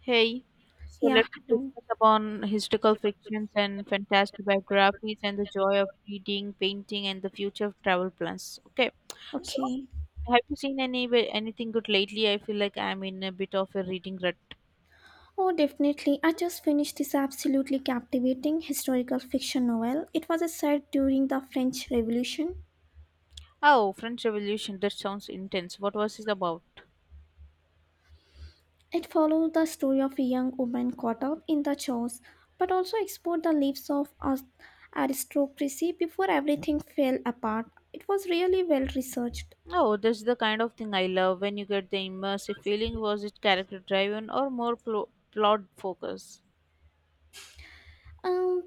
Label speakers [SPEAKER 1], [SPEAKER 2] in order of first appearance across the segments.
[SPEAKER 1] Hey, so
[SPEAKER 2] Yeah,
[SPEAKER 1] let's
[SPEAKER 2] hello.
[SPEAKER 1] discuss upon historical fictions and fantastic biographies and the joy of reading, painting, and the future of travel plans. Okay, so
[SPEAKER 2] Okay.
[SPEAKER 1] have you seen any anything good lately? I feel like I'm in a bit of a reading rut.
[SPEAKER 2] Oh, definitely. I just finished this absolutely captivating historical fiction novel. It was set during the French Revolution.
[SPEAKER 1] Oh, French Revolution. That sounds intense. What was it about?
[SPEAKER 2] It followed the story of a young woman caught up in the chores, but also explored the lives of aristocracy before everything fell apart. It was really well researched.
[SPEAKER 1] Oh, that's the kind of thing I love. When you get the immersive feeling, was it character driven or more plot focused?
[SPEAKER 2] Um,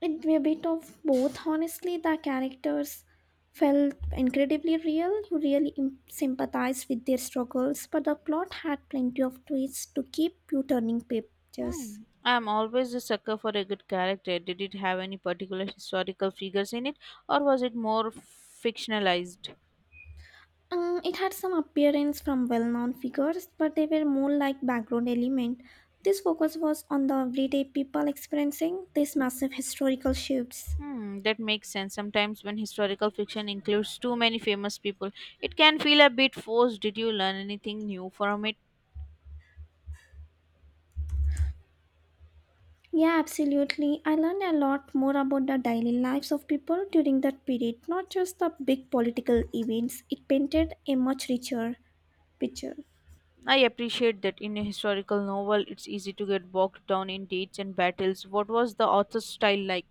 [SPEAKER 2] it be a bit of both, honestly. The characters felt incredibly real. You really sympathized with their struggles, but the plot had plenty of twists to keep you turning pages.
[SPEAKER 1] Hmm. I'm always a sucker for a good character. Did it have any particular historical figures in it, or was it more fictionalized?
[SPEAKER 2] It had some appearance from well-known figures, but they were more like background element. This focus was on the everyday people experiencing these massive historical shifts.
[SPEAKER 1] Hmm, that makes sense. Sometimes when historical fiction includes too many famous people, it can feel a bit forced. Did you learn anything new from it?
[SPEAKER 2] Yeah, absolutely. I learned a lot more about the daily lives of people during that period, not just the big political events. It painted a much richer picture.
[SPEAKER 1] I appreciate that in a historical novel, it's easy to get bogged down in dates and battles. What was the author's style like?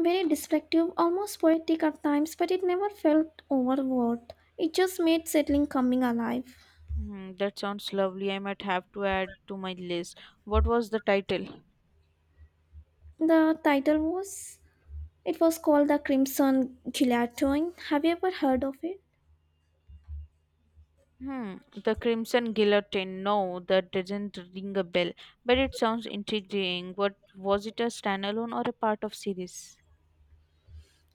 [SPEAKER 2] Very descriptive, almost poetic at times, but it never felt overwrought. It just made settling coming alive.
[SPEAKER 1] Hmm, that sounds lovely. I might have to add to my list. What was the title?
[SPEAKER 2] The title was called the Crimson Guillotine. Have you ever heard of it?
[SPEAKER 1] Hmm, the Crimson Guillotine. No, that doesn't ring a bell, but it sounds intriguing. What was it, a standalone or a part of series?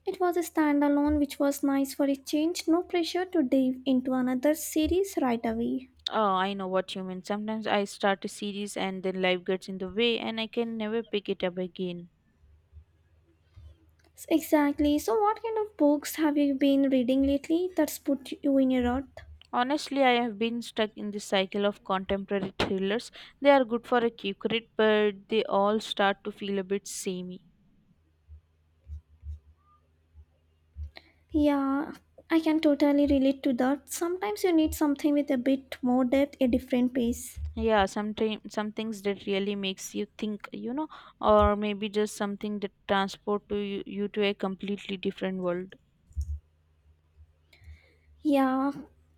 [SPEAKER 2] It was a standalone, which was nice for a change. No pressure to dive into another series right away.
[SPEAKER 1] Oh, I know what you mean. Sometimes I start a series and then life gets in the way and I can never pick it up again.
[SPEAKER 2] Exactly. So, what kind of books have you been reading lately that's put you in a rut?
[SPEAKER 1] Honestly, I have been stuck in this cycle of contemporary thrillers. They are good for a quick read, but they all start to feel a bit samey.
[SPEAKER 2] Yeah, I can totally relate to that. Sometimes you need something with a bit more depth, a different pace.
[SPEAKER 1] Yeah, sometimes some things that really makes you think. Or maybe just something that transport to you to a completely different world.
[SPEAKER 2] Yeah,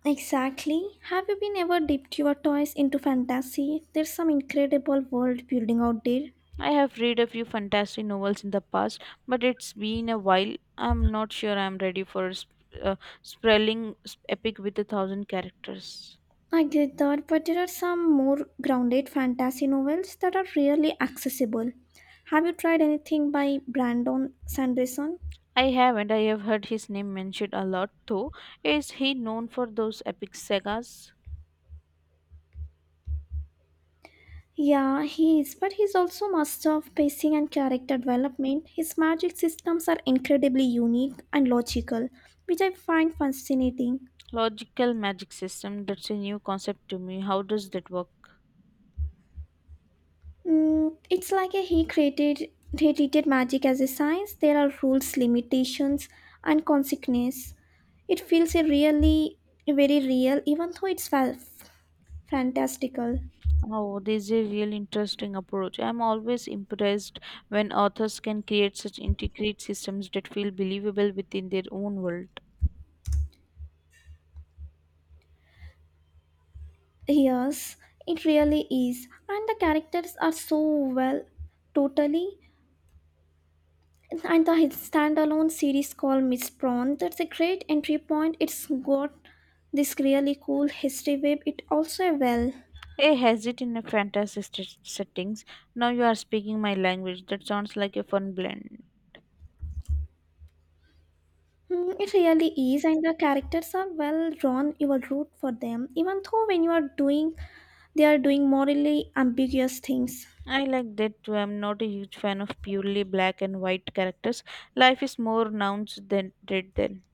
[SPEAKER 2] exactly. Have you been ever dipped your toes into fantasy? There's some incredible world building out there.
[SPEAKER 1] I have read a few fantastic novels in the past, but it's been a while. I'm not sure I'm ready for uh, sprawling epic with a thousand characters.
[SPEAKER 2] I get that, but there are some more grounded fantasy novels that are really accessible. Have you tried anything by Brandon Sanderson?
[SPEAKER 1] I haven't. I have heard his name mentioned a lot though. Is he known for those epic sagas?
[SPEAKER 2] Yeah, he is, but he's also master of pacing and character development. His magic systems are incredibly unique and logical, which I find fascinating.
[SPEAKER 1] Logical magic system, that's a new concept to me. How does that work?
[SPEAKER 2] Mm, it's like a, he created he treated magic as a science. There are rules, limitations, and consequences. It feels a really very real, even though it's fantastical.
[SPEAKER 1] Oh, this is a real interesting approach. I'm always impressed when authors can create such intricate systems that feel believable within their own world.
[SPEAKER 2] Yes, it really is, and the characters are so well, totally. And the standalone series called Miss Prawn. That's a great entry point. It's got this really cool history web. It also well.
[SPEAKER 1] Hey, has it in a fantasy settings? Now you are speaking my language. That sounds like a fun blend.
[SPEAKER 2] Hmm, it really is, and the characters are well drawn. You will root for them, even though when you are doing, they are doing morally ambiguous things.
[SPEAKER 1] I like that too. I'm not a huge fan of purely black and white characters. Life is more nuanced than red than.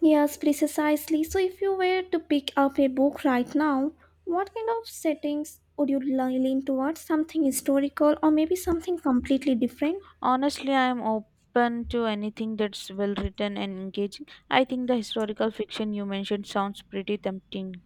[SPEAKER 2] Yes, precisely. So, if you were to pick up a book right now, what kind of settings would you lean towards? Something historical, or maybe something completely different?
[SPEAKER 1] Honestly, I'm open to anything that's well written and engaging. I think the historical fiction you mentioned sounds pretty tempting.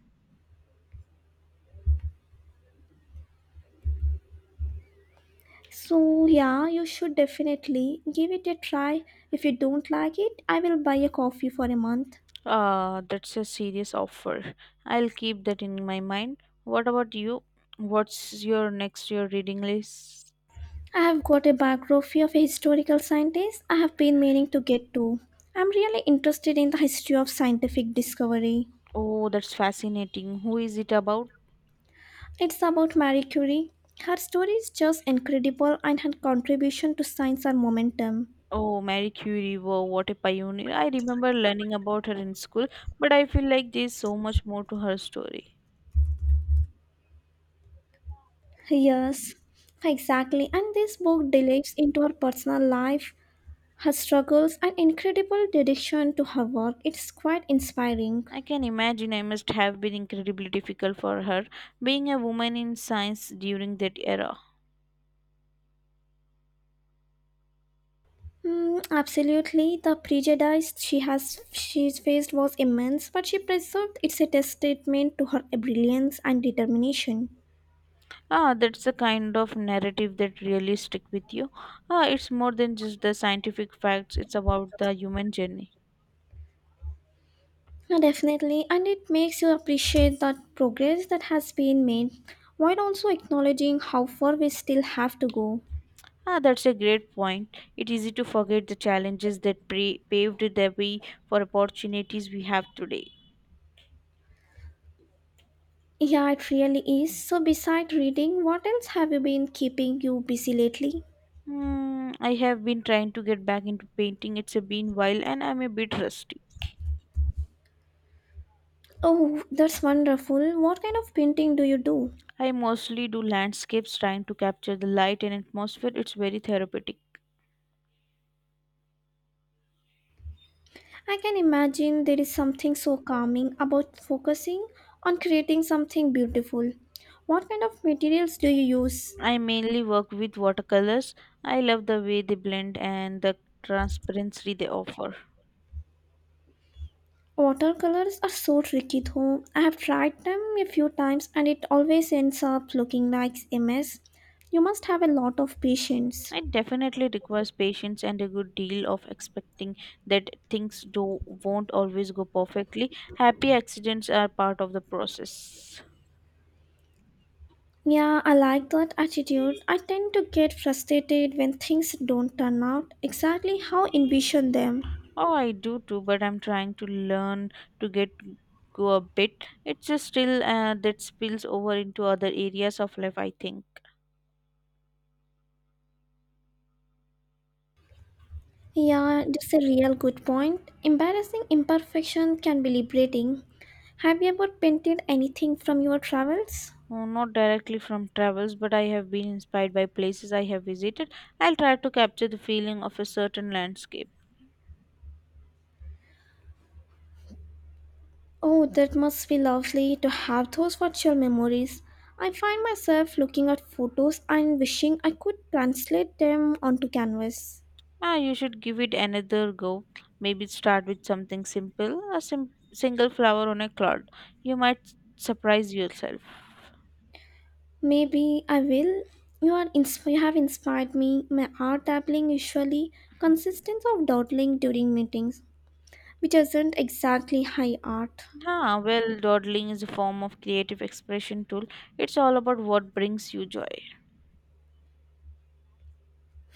[SPEAKER 2] So, yeah, you should definitely give it a try. If you don't like it, I will buy a coffee for a month.
[SPEAKER 1] Ah, that's a serious offer. I'll keep that in my mind. What about you? What's your next year reading list?
[SPEAKER 2] I have got a biography of a historical scientist I have been meaning to get to. I'm really interested in the history of scientific discovery.
[SPEAKER 1] Oh, that's fascinating. Who is it about?
[SPEAKER 2] It's about Marie Curie. Her story is just incredible and her contribution to science are momentum.
[SPEAKER 1] Oh, Marie Curie. Wow, what a pioneer. I remember learning about her in school, but I feel like there's so much more to her story.
[SPEAKER 2] Yes, exactly. And this book delves into her personal life, her struggles, and incredible dedication to her work. It's quite inspiring.
[SPEAKER 1] I can imagine I must have been incredibly difficult for her being a woman in science during that era.
[SPEAKER 2] Mm, absolutely, the prejudice she's faced was immense, but she preserved its a testament to her brilliance and determination.
[SPEAKER 1] Ah, that's the kind of narrative that really stick with you. Ah, it's more than just the scientific facts, it's about the human journey.
[SPEAKER 2] Yeah, definitely, and it makes you appreciate that progress that has been made, while also acknowledging how far we still have to go.
[SPEAKER 1] Ah, that's a great point. It's easy to forget the challenges that paved the way for opportunities we have today.
[SPEAKER 2] Yeah, it really is. So, beside reading, what else have you been keeping you busy lately?
[SPEAKER 1] Hmm, I have been trying to get back into painting. It's been while and I'm a bit rusty.
[SPEAKER 2] Oh, that's wonderful. What kind of painting do you do?
[SPEAKER 1] I mostly do landscapes trying to capture the light and atmosphere. It's very therapeutic.
[SPEAKER 2] I can imagine there is something so calming about focusing on creating something beautiful. What kind of materials do you use?
[SPEAKER 1] I mainly work with watercolors. I love the way they blend and the transparency they offer.
[SPEAKER 2] Watercolors are so tricky though. I have tried them a few times and it always ends up looking like a mess. You must have a lot of patience.
[SPEAKER 1] It definitely requires patience and a good deal of expecting that things do won't always go perfectly. Happy accidents are part of the process.
[SPEAKER 2] Yeah, I like that attitude. I tend to get frustrated when things don't turn out exactly how envision them.
[SPEAKER 1] Oh, I do too, but I'm trying to learn to get go a bit. It's just still that spills over into other areas of life, I think.
[SPEAKER 2] Yeah, that's a real good point. Embarrassing imperfection can be liberating. Have you ever painted anything from your travels?
[SPEAKER 1] Oh, not directly from travels, but I have been inspired by places I have visited. I'll try to capture the feeling of a certain landscape.
[SPEAKER 2] Oh, that must be lovely to have those virtual memories. I find myself looking at photos and wishing I could translate them onto canvas.
[SPEAKER 1] Ah, you should give it another go. Maybe start with something simple, a single flower on a cloud. You might surprise yourself.
[SPEAKER 2] Maybe I will. You have inspired me. My art dabbling usually consists of dawdling during meetings, which isn't exactly high art.
[SPEAKER 1] Ah, well, dawdling is a form of creative expression tool. It's all about what brings you joy.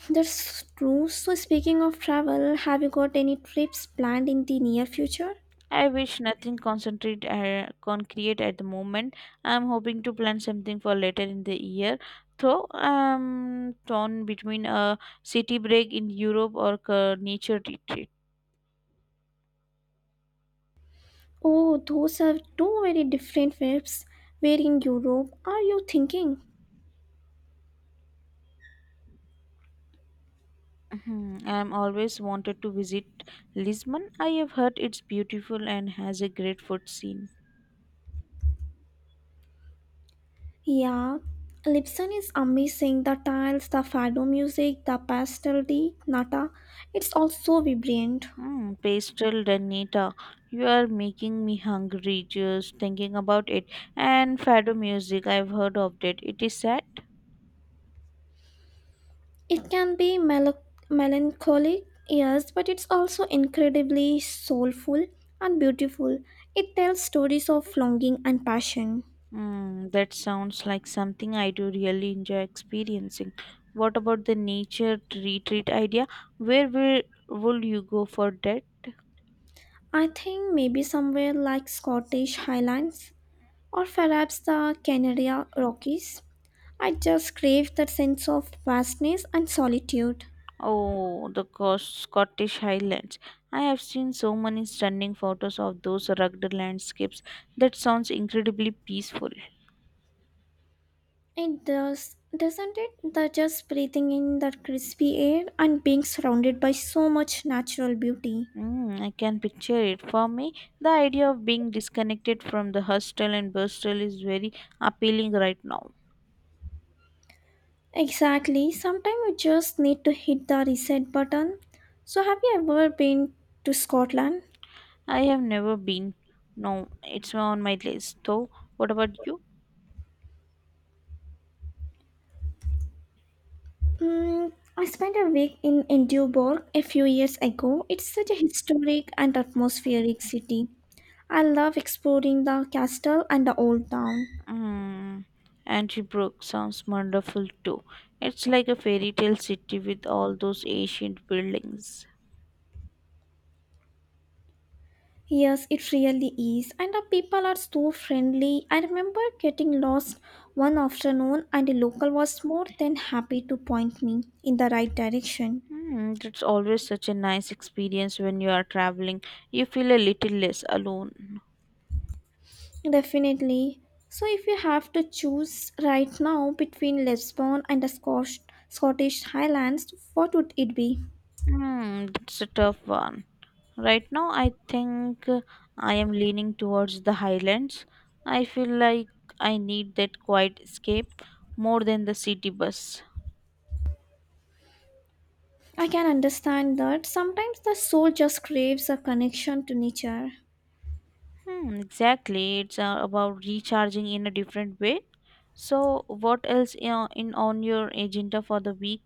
[SPEAKER 2] That's true. So, speaking of travel, have you got any trips planned in the near future?
[SPEAKER 1] I wish nothing concentrate concrete at the moment. I'm hoping to plan something for later in the year. Though I'm torn between a city break in Europe or a nature retreat.
[SPEAKER 2] Oh, those are two very different trips. Where in Europe are you thinking?
[SPEAKER 1] Mhm. I'm always wanted to visit Lisbon. I have heard it's beautiful and has a great food scene.
[SPEAKER 2] Yeah, Lipson is amazing. The tiles, the fado music, the pastel di nata. It's all so vibrant.
[SPEAKER 1] Mm, pastel Renita, you are making me hungry just thinking about it. And fado music, I've heard of it. It is sad.
[SPEAKER 2] It can be melancholic, yes, but it's also incredibly soulful and beautiful. It tells stories of longing and passion.
[SPEAKER 1] Mm, that sounds like something I do really enjoy experiencing. What about the nature retreat idea? Where will you go for that?
[SPEAKER 2] I think maybe somewhere like Scottish Highlands or perhaps the Canary Rockies. I just crave that sense of vastness and solitude.
[SPEAKER 1] Oh, the Scottish Highlands. I have seen so many stunning photos of those rugged landscapes. That sounds incredibly peaceful.
[SPEAKER 2] It does, doesn't it? The just breathing in that crispy air and being surrounded by so much natural beauty.
[SPEAKER 1] Mm, I can picture it. For me, the idea of being disconnected from the hustle and bustle is very appealing right now.
[SPEAKER 2] Exactly. Sometimes you just need to hit the reset button. So, have you ever been to Scotland?
[SPEAKER 1] I have never been. No, it's on my list though. What about you?
[SPEAKER 2] Mm, I spent a week in Edinburgh a few years ago. It's such a historic and atmospheric city. I love exploring the castle and the old town.
[SPEAKER 1] Mm, Antibrook sounds wonderful too. It's like a fairy tale city with all those ancient buildings.
[SPEAKER 2] Yes, it really is. And the people are so friendly. I remember getting lost one afternoon, and a local was more than happy to point me in the right direction.
[SPEAKER 1] Hmm, it's always such a nice experience when you are traveling. You feel a little less alone.
[SPEAKER 2] Definitely. So, if you have to choose right now between Lisbon and the Scottish Highlands, what would it be?
[SPEAKER 1] Hmm, that's a tough one. Right now, I think I am leaning towards the highlands. I feel like I need that quiet escape more than the city bus.
[SPEAKER 2] I can understand that sometimes the soul just craves a connection to nature.
[SPEAKER 1] Hmm, exactly. It's about recharging in a different way. So, what else in on your agenda for the week?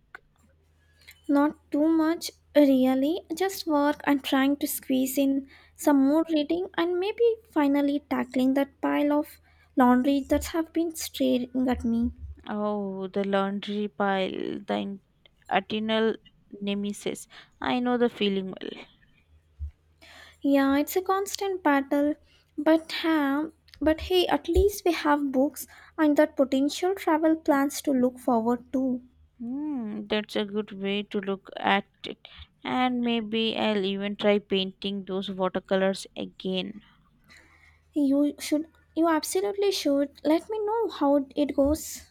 [SPEAKER 2] Not too much, really, just work and trying to squeeze in some more reading and maybe finally tackling that pile of laundry that have been staring at me.
[SPEAKER 1] Oh, the laundry pile, the eternal nemesis. I know the feeling well.
[SPEAKER 2] Yeah, it's a constant battle, but ha, but hey, at least we have books and that potential travel plans to look forward to.
[SPEAKER 1] Hmm, that's a good way to look at it. And maybe I'll even try painting those watercolors again.
[SPEAKER 2] You should, you absolutely should. Let me know how it goes.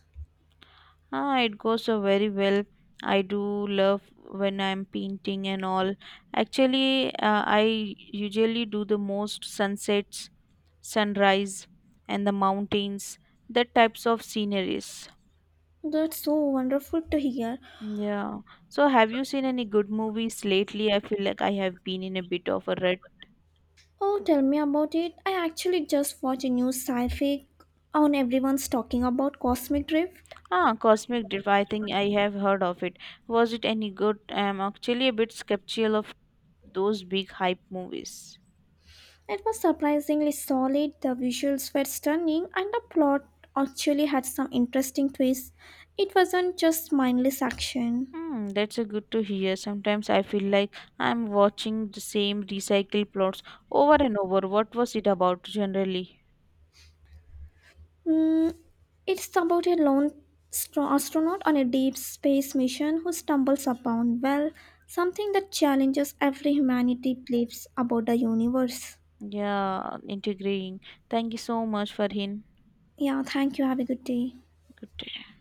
[SPEAKER 1] Ah, it goes so very well. I do love when I'm painting and all. Actually, I usually do the most sunsets, sunrise, and the mountains, that types of sceneries.
[SPEAKER 2] That's so wonderful to hear.
[SPEAKER 1] Yeah. So, have you seen any good movies lately? I feel like I have been in a bit of a rut.
[SPEAKER 2] Oh, tell me about it. I actually just watched a new sci-fi on everyone's talking about cosmic drift.
[SPEAKER 1] Ah, Cosmic Div. I think I have heard of it. Was it any good? I'm actually a bit skeptical of those big hype movies.
[SPEAKER 2] It was surprisingly solid, the visuals were stunning, and the plot actually had some interesting twists. It wasn't just mindless action.
[SPEAKER 1] Hmm, that's a good to hear. Sometimes I feel like I'm watching the same recycled plots over and over. What was it about generally?
[SPEAKER 2] Mm, it's about a lone astronaut on a deep space mission who stumbles upon, well, something that challenges every humanity beliefs about the universe.
[SPEAKER 1] Yeah, integrating. Thank you so much, Farhin.
[SPEAKER 2] Yeah, thank you. Have a good day.
[SPEAKER 1] Good day.